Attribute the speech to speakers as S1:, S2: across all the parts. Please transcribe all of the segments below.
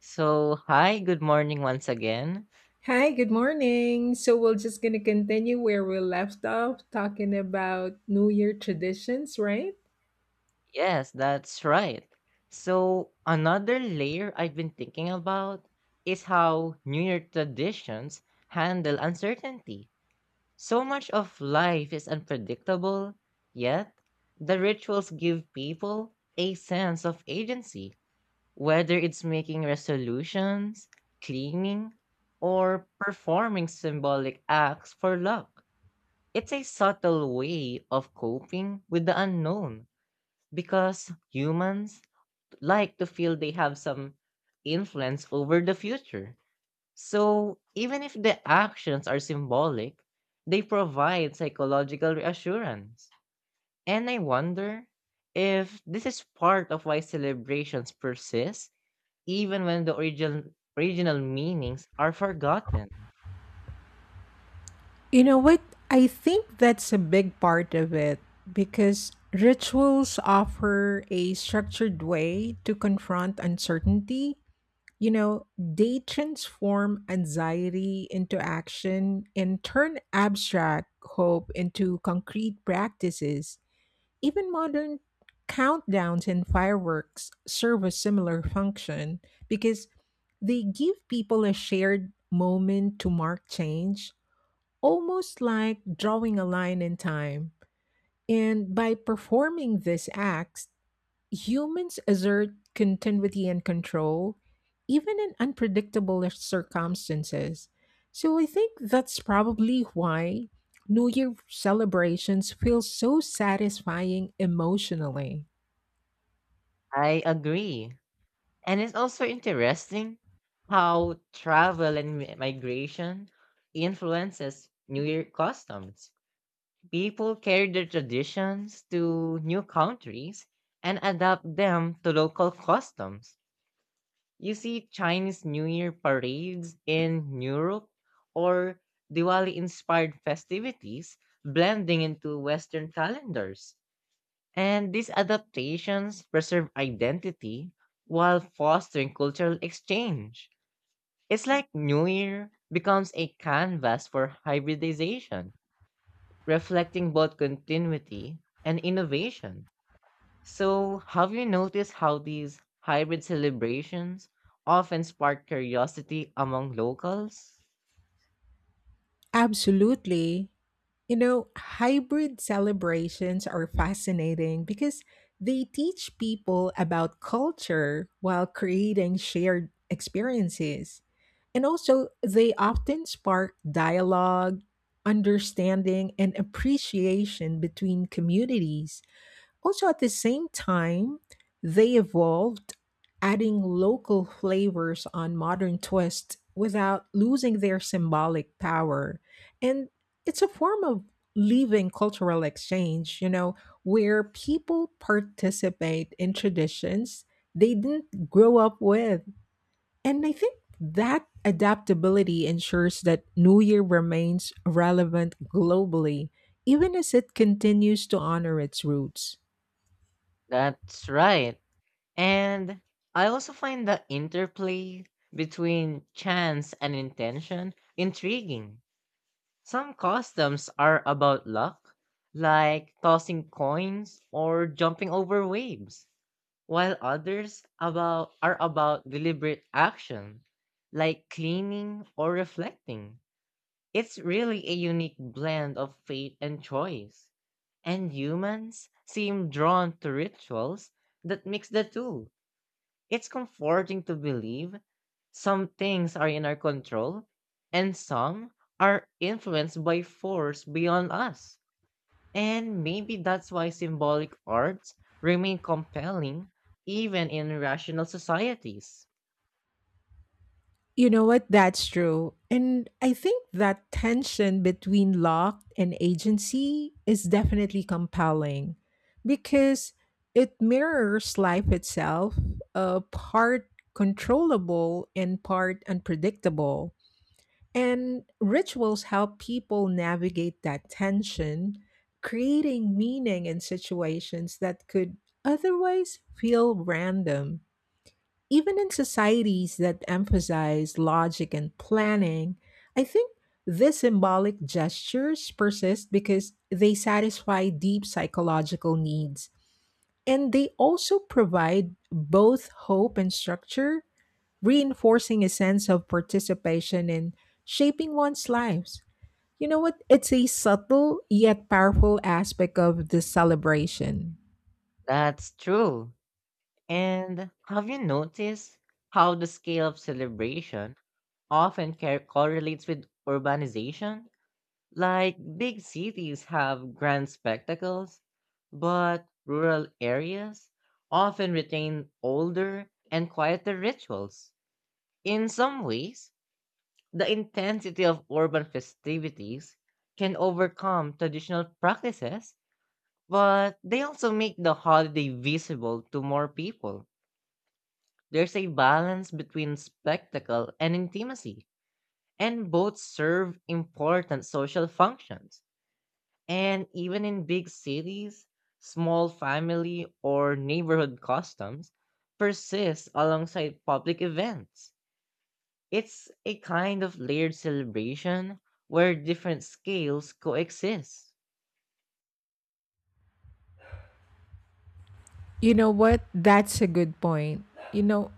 S1: So, hi, good morning once again.
S2: Hi, good morning. So we're just gonna continue where we left off, talking about New Year traditions, right?
S1: Yes, that's right. So, another layer I've been thinking about is how New Year traditions handle uncertainty. So much of life is unpredictable, yet the rituals give people a sense of agency, whether it's making resolutions, cleaning, or performing symbolic acts for luck. It's a subtle way of coping with the unknown because humans like to feel they have some influence over the future. So, even if the actions are symbolic, they provide psychological reassurance. And I wonder if this is part of why celebrations persist even when the original meanings are forgotten.
S2: You know what? I think that's a big part of it because rituals offer a structured way to confront uncertainty. You know, they transform anxiety into action and turn abstract hope into concrete practices. Even modern countdowns and fireworks serve a similar function because they give people a shared moment to mark change almost like drawing a line in time. And by performing this act, humans assert continuity and control, even in unpredictable circumstances. So I think that's probably why New Year celebrations feel so satisfying emotionally.
S1: I agree. And it's also interesting how travel and migration influences New Year customs. People carry their traditions to new countries and adapt them to local customs. You see Chinese New Year parades in Europe or Diwali inspired festivities blending into Western calendars. And these adaptations preserve identity while fostering cultural exchange. It's like New Year becomes a canvas for hybridization, reflecting both continuity and innovation. So, have you noticed how these hybrid celebrations often spark curiosity among locals?
S2: Absolutely. You know, hybrid celebrations are fascinating because they teach people about culture while creating shared experiences. And also, they often spark dialogue, understanding, and appreciation between communities. Also, at the same time, they evolved, adding local flavors on modern twists without losing their symbolic power. And it's a form of living cultural exchange, you know, where people participate in traditions they didn't grow up with. And I think that adaptability ensures that New Year remains relevant globally, even as it continues to honor its roots.
S1: That's right. And I also find the interplay between chance and intention intriguing. Some customs are about luck, like tossing coins or jumping over waves, while others about are about deliberate action, like cleaning or reflecting. It's really a unique blend of fate and choice, and humans seem drawn to rituals that mix the two. It's comforting to believe some things are in our control and some are influenced by force beyond us. And maybe that's why symbolic arts remain compelling even in rational societies.
S2: You know what? That's true. And I think that tension between luck and agency is definitely compelling because it mirrors life itself, part controllable and part unpredictable. And rituals help people navigate that tension, creating meaning in situations that could otherwise feel random. Even in societies that emphasize logic and planning, I think these symbolic gestures persist because they satisfy deep psychological needs. And they also provide both hope and structure reinforcing a sense of participation in shaping one's lives. You know what? It's a subtle yet powerful aspect of the celebration.
S1: That's true. And have you noticed how the scale of celebration often correlates with urbanization? Like big cities have grand spectacles, but rural areas often retain older and quieter rituals. In some ways, the intensity of urban festivities can overcome traditional practices, but they also make the holiday visible to more people. There's a balance between spectacle and intimacy, and both serve important social functions. And even in big cities, small family or neighborhood customs persist alongside public events. It's a kind of layered celebration where different scales coexist.
S2: You know what? That's a good point. You know,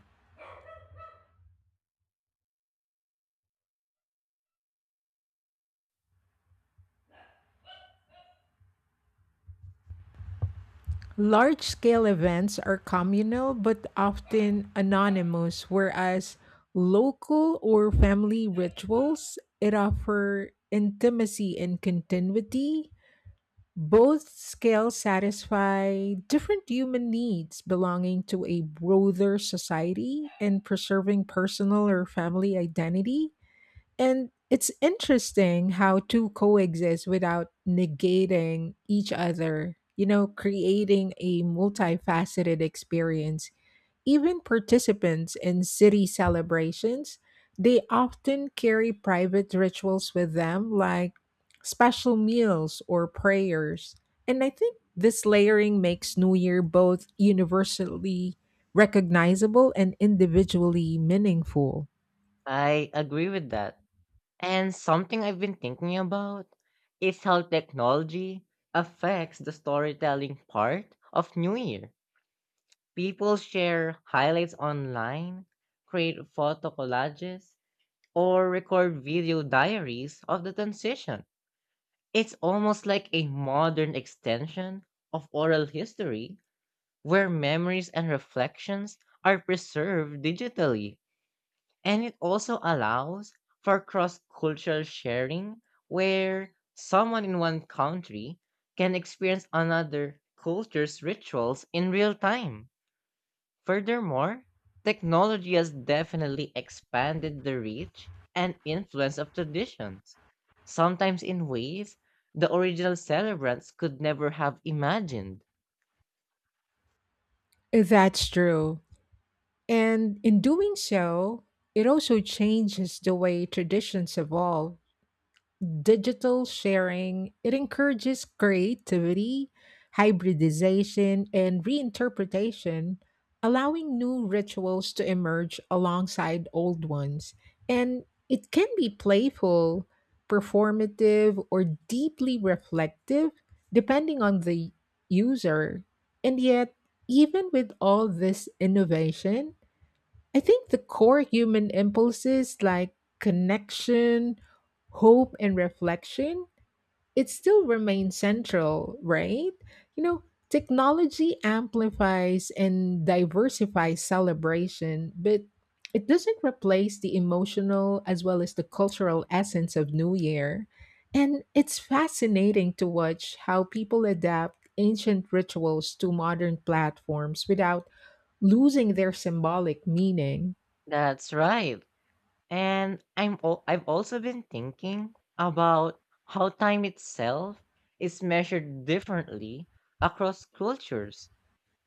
S2: large scale events are communal but often anonymous, whereas local or family rituals it offer intimacy and continuity. Both scales satisfy different human needs belonging to a broader society and preserving personal or family identity. And it's interesting how two coexist without negating each other, you know, creating a multifaceted experience even participants in city celebrations, they often carry private rituals with them like special meals or prayers. And I think this layering makes New Year both universally recognizable and individually meaningful.
S1: I agree with that. And something I've been thinking about is how technology affects the storytelling part of New Year. People share highlights online, create photo collages, or record video diaries of the transition. It's almost like a modern extension of oral history where memories and reflections are preserved digitally. And it also allows for cross cultural sharing where someone in one country can experience another culture's rituals in real time. Furthermore, technology has definitely expanded the reach and influence of traditions, sometimes in ways the original celebrants could never have imagined.
S2: That's true. And in doing so, it also changes the way traditions evolve digital sharing it encourages creativity hybridization and reinterpretation allowing new rituals to emerge alongside old ones and it can be playful performative or deeply reflective depending on the user. And yet even with all this innovation I think the core human impulses like connection, hope, and reflection, it still remains central, right? You know, technology amplifies and diversifies celebration, but it doesn't replace the emotional as well as the cultural essence of New Year. And it's fascinating to watch how people adapt ancient rituals to modern platforms without losing their symbolic meaning.
S1: That's right. And I've also been thinking about how time itself is measured differently across cultures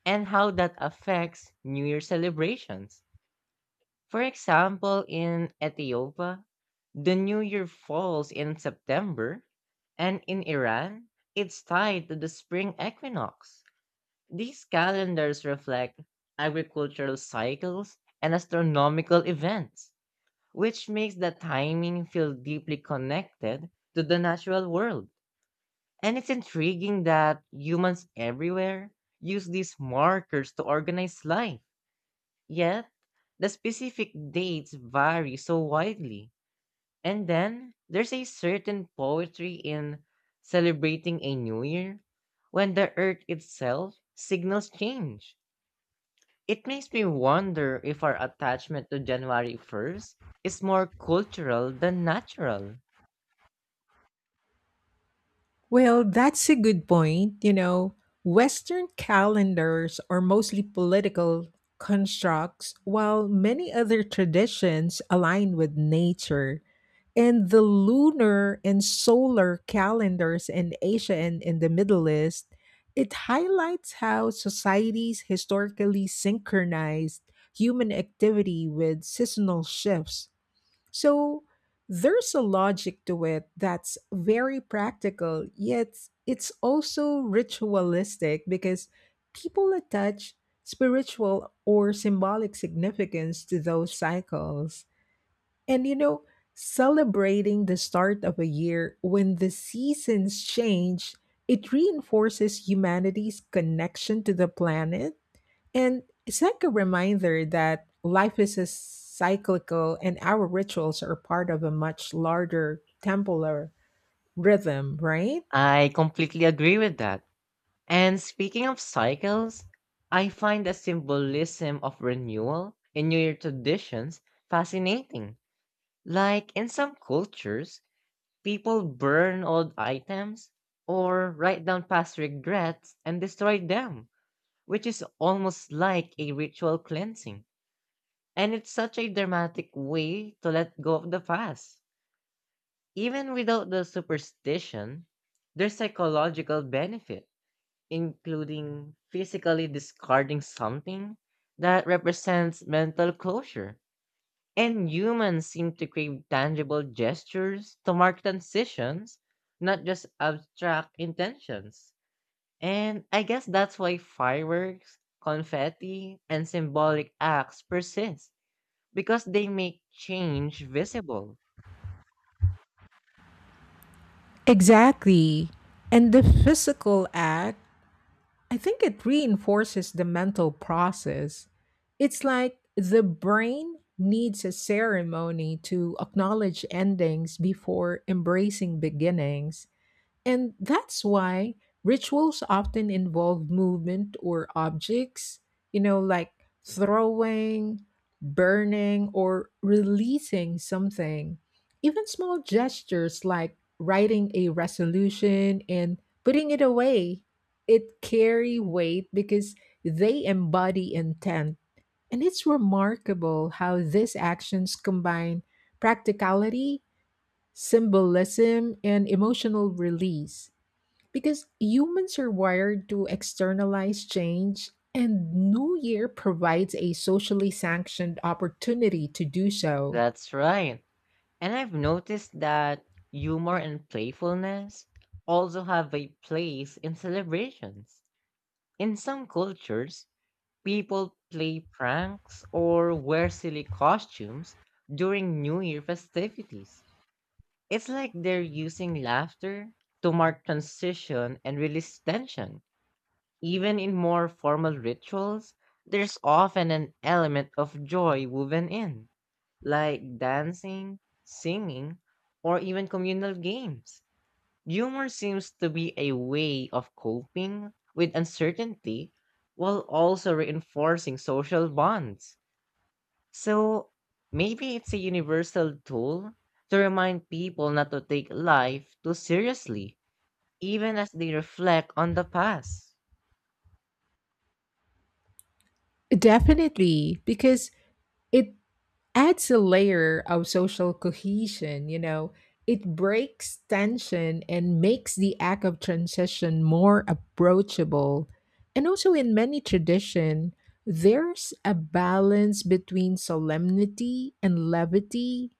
S1: and how that affects New Year celebrations. For example, in Ethiopia, the New Year falls in September, and in Iran, it's tied to the spring equinox. These calendars reflect agricultural cycles and astronomical events, which makes the timing feel deeply connected to the natural world. And it's intriguing that humans everywhere use these markers to organize life. Yet, the specific dates vary so widely. And then there's a certain poetry in celebrating a new year when the earth itself signals change. It makes me wonder if our attachment to January 1st is more cultural than natural.
S2: Well, that's a good point. You know, Western calendars are mostly political constructs, while many other traditions align with nature. And the lunar and solar calendars in Asia and in the Middle East, it highlights how societies historically synchronized human activity with seasonal shifts. So there's a logic to it that's very practical, yet it's also ritualistic because people attach spiritual or symbolic significance to those cycles. And you know, celebrating the start of a year when the seasons change, it reinforces humanity's connection to the planet and it's like a reminder that life is a cyclical and our rituals are part of a much larger temporal rhythm, right?
S1: I completely agree with that. And speaking of cycles, I find the symbolism of renewal in New Year traditions fascinating. Like in some cultures, people burn old items or write down past regrets and destroy them, which is almost like a ritual cleansing. And it's such a dramatic way to let go of the past. Even without the superstition, there's psychological benefit, including physically discarding something that represents mental closure. And humans seem to crave tangible gestures to mark transitions, not just abstract intentions. And I guess that's why fireworks, confetti, and symbolic acts persist, because they make change visible.
S2: Exactly. And the physical act, I think it reinforces the mental process. It's like the brain needs a ceremony to acknowledge endings before embracing beginnings. And that's why rituals often involve movement or objects, you know, like throwing, burning, or releasing something. Even small gestures like writing a resolution and putting it away, it carry weight because they embody intent. And it's remarkable how these actions combine practicality, symbolism, and emotional release. Because humans are wired to externalize change, and New Year provides a socially sanctioned opportunity to do so.
S1: That's right. And I've noticed that humor and playfulness also have a place in celebrations. In some cultures, people play pranks or wear silly costumes during New Year festivities. It's like they're using laughter to mark transition and release tension. Even in more formal rituals, there's often an element of joy woven in, like dancing, singing, or even communal games. Humor seems to be a way of coping with uncertainty while also reinforcing social bonds. So maybe it's a universal tool to remind people not to take life too seriously, even as they reflect on the past.
S2: Definitely, because it adds a layer of social cohesion, you know. It breaks tension and makes the act of transition more approachable. And also, in many tradition, there's a balance between solemnity and levity.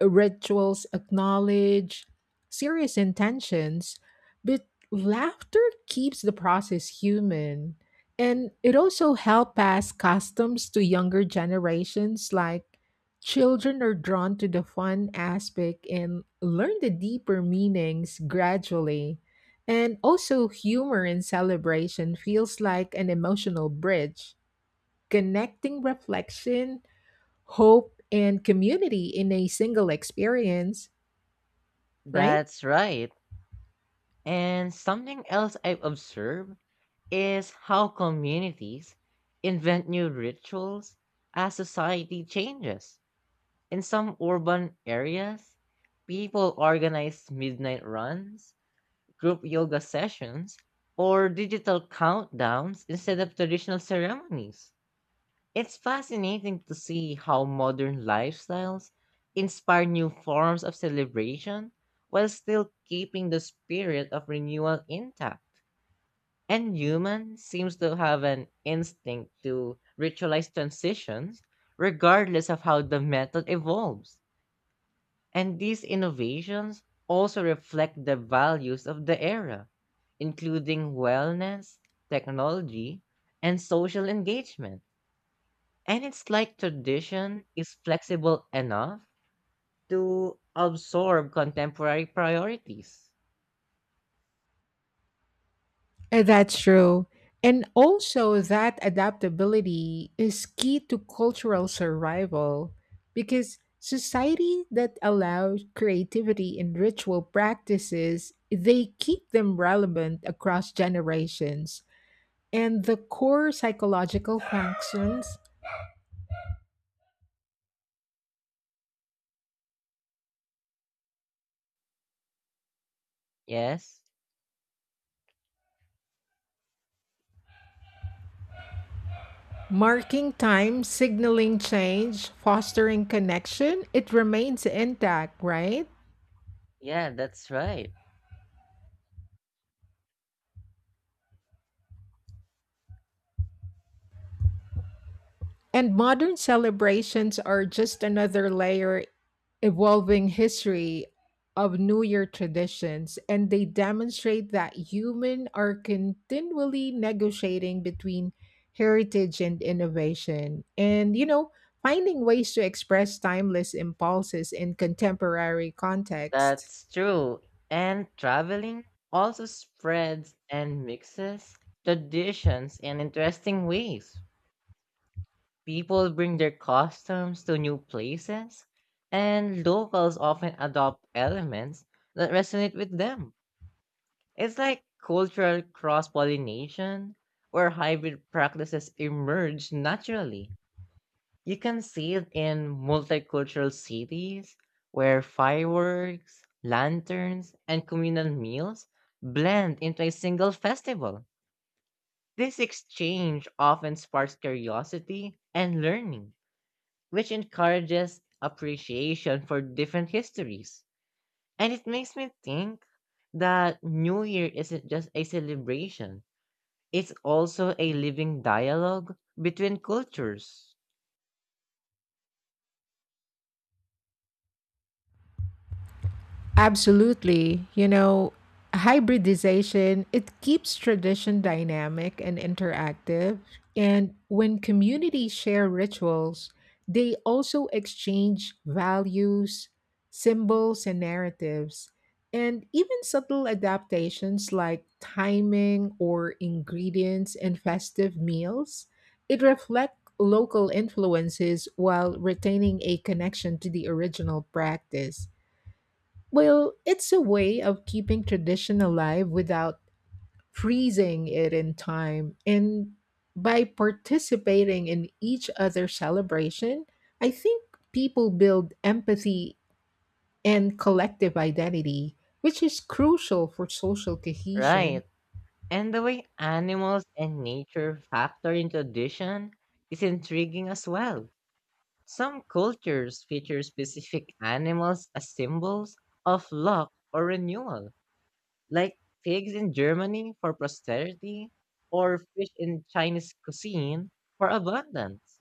S2: Rituals acknowledge serious intentions, but laughter keeps the process human. And it also helps pass customs to younger generations, like children are drawn to the fun aspect and learn the deeper meanings gradually. And also, humor in celebration feels like an emotional bridge, connecting reflection hope and community in a single experience, right?
S1: That's right. And something else I've observed is how communities invent new rituals as society changes. In some urban areas, people organize midnight runs, group yoga sessions, or digital countdowns instead of traditional ceremonies. It's fascinating to see how modern lifestyles inspire new forms of celebration while still keeping the spirit of renewal intact. And human seems to have an instinct to ritualize transitions regardless of how the method evolves. And these innovations also reflect the values of the era, including wellness, technology, and social engagement. And it's like tradition is flexible enough to absorb contemporary priorities.
S2: That's true. And also, that adaptability is key to cultural survival because society that allows creativity in ritual practices, they keep them relevant across generations. And the core psychological functions,
S1: Yes?
S2: marking time, signaling change, fostering connection, it remains intact, right?
S1: Yeah, that's right.
S2: And modern celebrations are just another layer evolving history of New Year traditions, and they demonstrate that humans are continually negotiating between heritage and innovation, and you know, finding ways to express timeless impulses in contemporary contexts.
S1: That's true. And traveling also spreads and mixes traditions in interesting ways. People bring their customs to new places, and locals often adopt elements that resonate with them. It's like cultural cross pollination, where hybrid practices emerge naturally. You can see it in multicultural cities, where fireworks, lanterns, and communal meals blend into a single festival. This exchange often sparks curiosity and learning, which encourages appreciation for different histories. And it makes me think that New Year isn't just a celebration, it's also a living dialogue between cultures.
S2: Absolutely. You know, hybridization, it keeps tradition dynamic and interactive. And when communities share rituals, they also exchange values, symbols, and narratives. And even subtle adaptations like timing or ingredients in festive meals, it reflect local influences while retaining a connection to the original practice. Well, it's a way of keeping tradition alive without freezing it in time. And by participating in each other's celebration, I think people build empathy and collective identity, which is crucial for social cohesion.
S1: Right. And the way animals and nature factor into tradition is intriguing as well. Some cultures feature specific animals as symbols of luck or renewal, like pigs in Germany for posterity or fish in Chinese cuisine for abundance.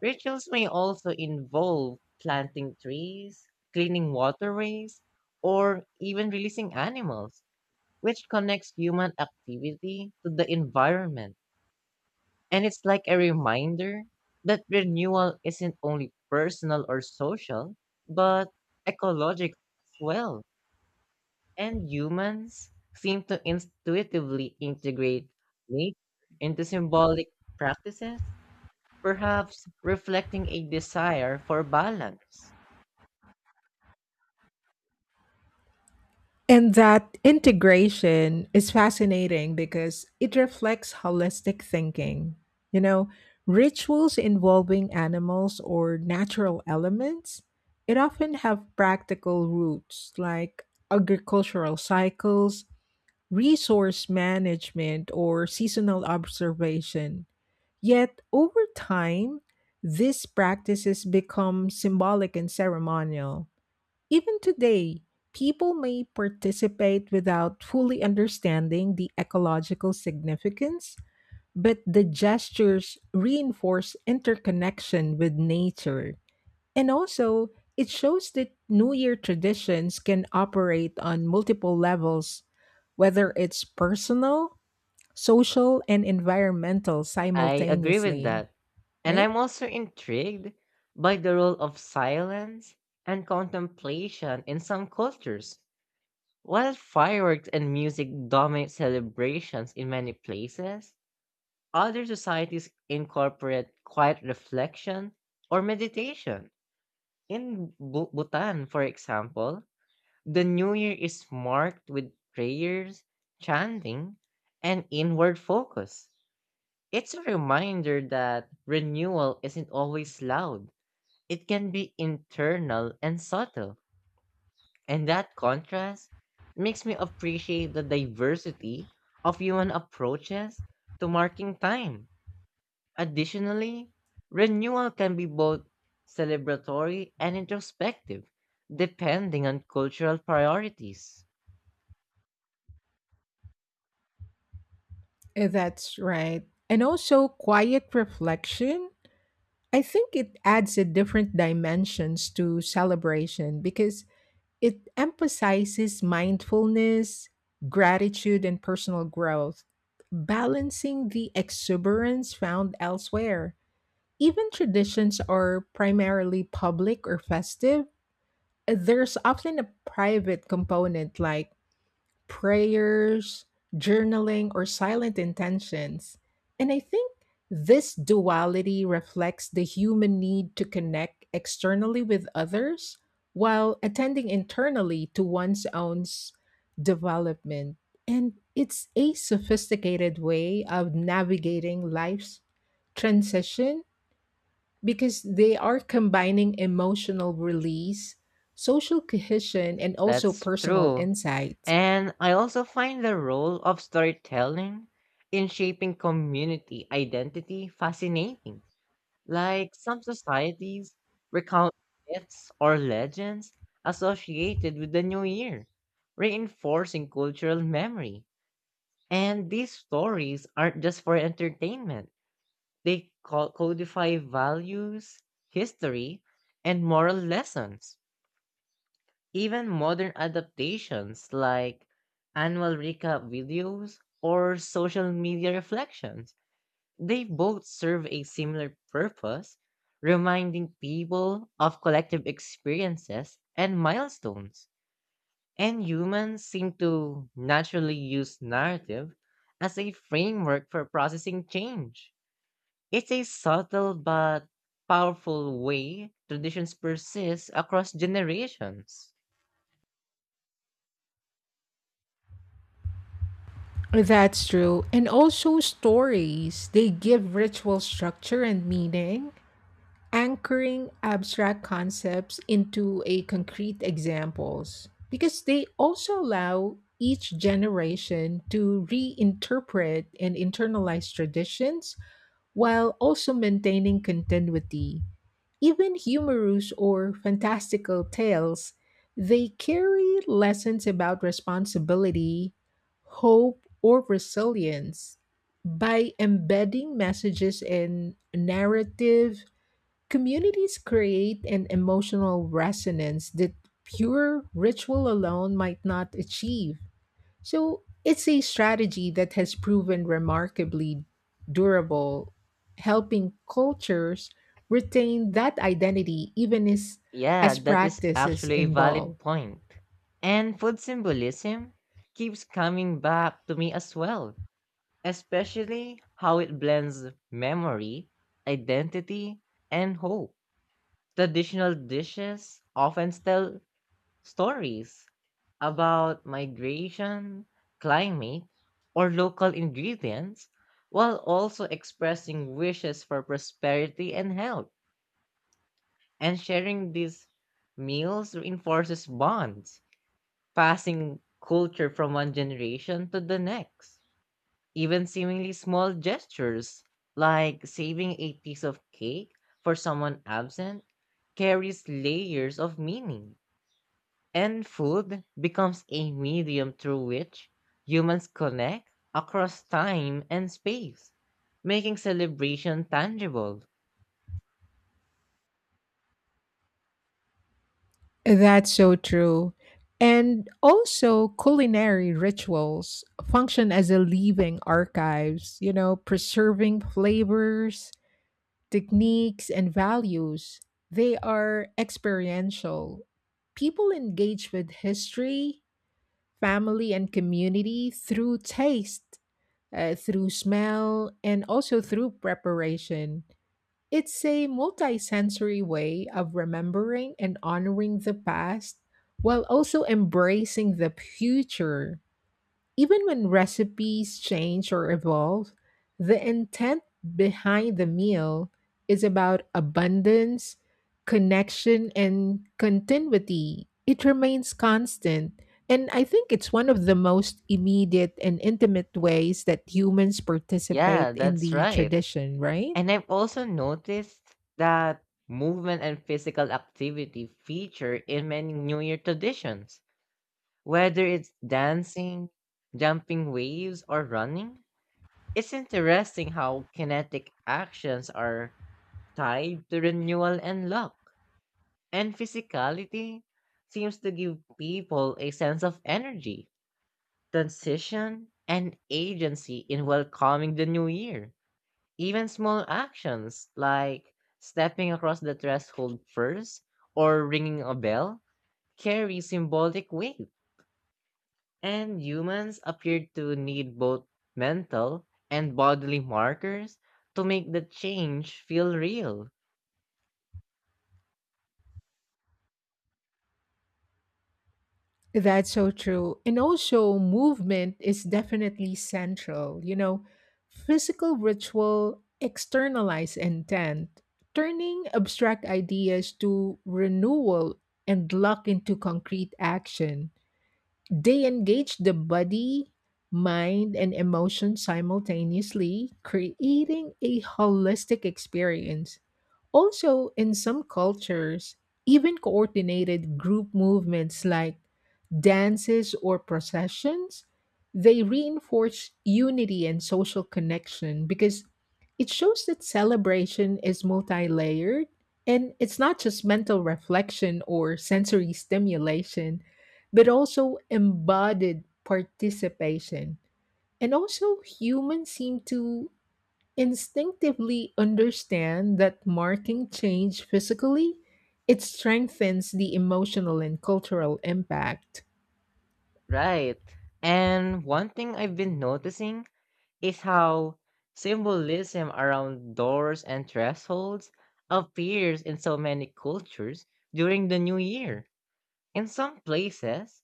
S1: Rituals may also involve planting trees, cleaning waterways, or even releasing animals, which connects human activity to the environment. And it's like a reminder that renewal isn't only personal or social, but ecological as well, and humans seem to intuitively integrate nature into symbolic practices, perhaps reflecting a desire for balance.
S2: And that integration is fascinating because it reflects holistic thinking. You know, rituals involving animals or natural elements, it often have practical roots like agricultural cycles, resource management, or seasonal observation. Yet over time, these practices become symbolic and ceremonial even today, people may participate without fully understanding the ecological significance, but the gestures reinforce interconnection with nature. And also, it shows that New Year traditions can operate on multiple levels, whether it's personal, social, and environmental
S1: I agree with
S2: simultaneously
S1: that. And
S2: right?
S1: I'm also intrigued by the role of silence and contemplation in some cultures. While fireworks and music dominate celebrations in many places, other societies incorporate quiet reflection or meditation. In Bu Bhutan, for example, the New Year is marked with prayers, chanting, and inward focus. It's a reminder that renewal isn't always loud, it can be internal and subtle. And that contrast makes me appreciate the diversity of human approaches to marking time. Additionally, renewal can be both celebratory and introspective, depending on cultural priorities.
S2: That's right. And also quiet reflection I think it adds a different dimensions to celebration because it emphasizes mindfulness, gratitude, and personal growth, balancing the exuberance found elsewhere. Even traditions are primarily public or festive. There's often a private component like prayers, journaling, or silent intentions. And I think this duality reflects the human need to connect externally with others while attending internally to one's own development. And it's a sophisticated way of navigating life's transition because they are combining emotional release, social cohesion, and also
S1: That's
S2: personal
S1: true.
S2: insight.
S1: And I also find the role of storytelling in shaping community identity fascinating. Like some societies recount myths or legends associated with the new year, reinforcing cultural memory. And these stories aren't just for entertainment. They codify values, history, and moral lessons. Even modern adaptations like annual recap videos or social media reflections, they both serve a similar purpose, reminding people of collective experiences and milestones. And humans seem to naturally use narrative as a framework for processing change. It's a subtle but powerful way traditions persist across generations.
S2: That's true. And also stories. They give ritual structure and meaning, anchoring abstract concepts into a concrete examples. Because they also allow each generation to reinterpret and internalize traditions while also maintaining continuity. Even humorous or fantastical tales, they carry lessons about responsibility, hope, or resilience. By embedding messages in narrative, communities create an emotional resonance that pure ritual alone might not achieve. So it's a strategy that has proven remarkably durable, helping cultures retain that identity even
S1: Yeah,
S2: as
S1: that is
S2: practices
S1: actually a
S2: evolve.
S1: valid point. And food symbolism keeps coming back to me as well, especially how it blends memory, identity, and hope. Traditional dishes often tell stories about migration, climate, or local ingredients, while also expressing wishes for prosperity and health. And sharing these meals reinforces bonds, passing culture from one generation to the next. Even seemingly small gestures, like saving a piece of cake for someone absent, carries layers of meaning. And food becomes a medium through which humans connect across time and space, making celebration tangible.
S2: That's so true. And also, culinary rituals function as a living archives, you know, preserving flavors, techniques, and values. They are experiential. People engage with history, family and community through taste, through smell, and also through preparation. It's a multisensory way of remembering and honoring the past while also embracing the future. Even when recipes change or evolve, the intent behind the meal is about abundance, connection, and continuity. It remains constant. And I think it's one of the most immediate and intimate ways that humans
S1: Yeah,
S2: participate in
S1: that's
S2: the
S1: right.
S2: tradition, right?
S1: And I've also noticed that movement and physical activity feature in many New Year traditions, whether it's dancing, jumping waves, or running. It's interesting how kinetic actions are tied to renewal and luck. And physicality seems to give people a sense of energy, transition, and agency in welcoming the new year. Even small actions like stepping across the threshold first or ringing a bell carry symbolic weight. And humans appear to need both mental and bodily markers to make the change feel real.
S2: That's so true. And also, movement is definitely central. You know, physical ritual externalize intent, turning abstract ideas to renewal and luck into concrete action. They engage the body, mind, and emotion simultaneously, creating a holistic experience. Also, in some cultures, even coordinated group movements like dances or processions, they reinforce unity and social connection because it shows that celebration is multi-layered and it's not just mental reflection or sensory stimulation but also embodied participation. And also, humans seem to instinctively understand that marking change physically, it strengthens the emotional and cultural impact.
S1: Right. And one thing I've been noticing is how symbolism around doors and thresholds appears in so many cultures during the new year. In some places,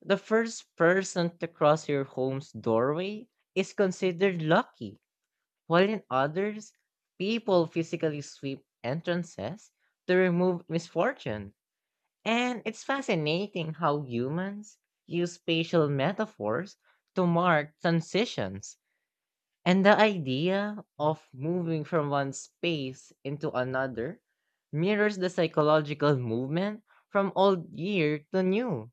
S1: the first person to cross your home's doorway is considered lucky, while in others, people physically sweep entrances to remove misfortune. And it's fascinating how humans use spatial metaphors to mark transitions. And the idea of moving from one space into another mirrors the psychological movement from old year to new.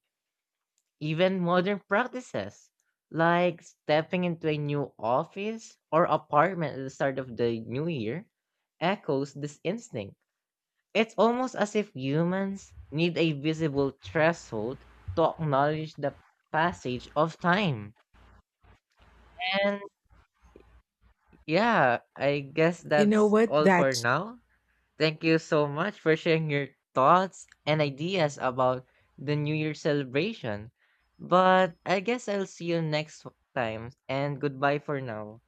S1: Even modern practices, like stepping into a new office or apartment at the start of the new year, echoes this instinct. It's almost as if humans need a visible threshold to acknowledge the passage of time. And yeah, I guess
S2: You know
S1: that's
S2: what?
S1: all for
S2: That's
S1: now. Thank you so much for sharing your thoughts and ideas about the New Year celebration. But I guess I'll see you next time, and goodbye for now.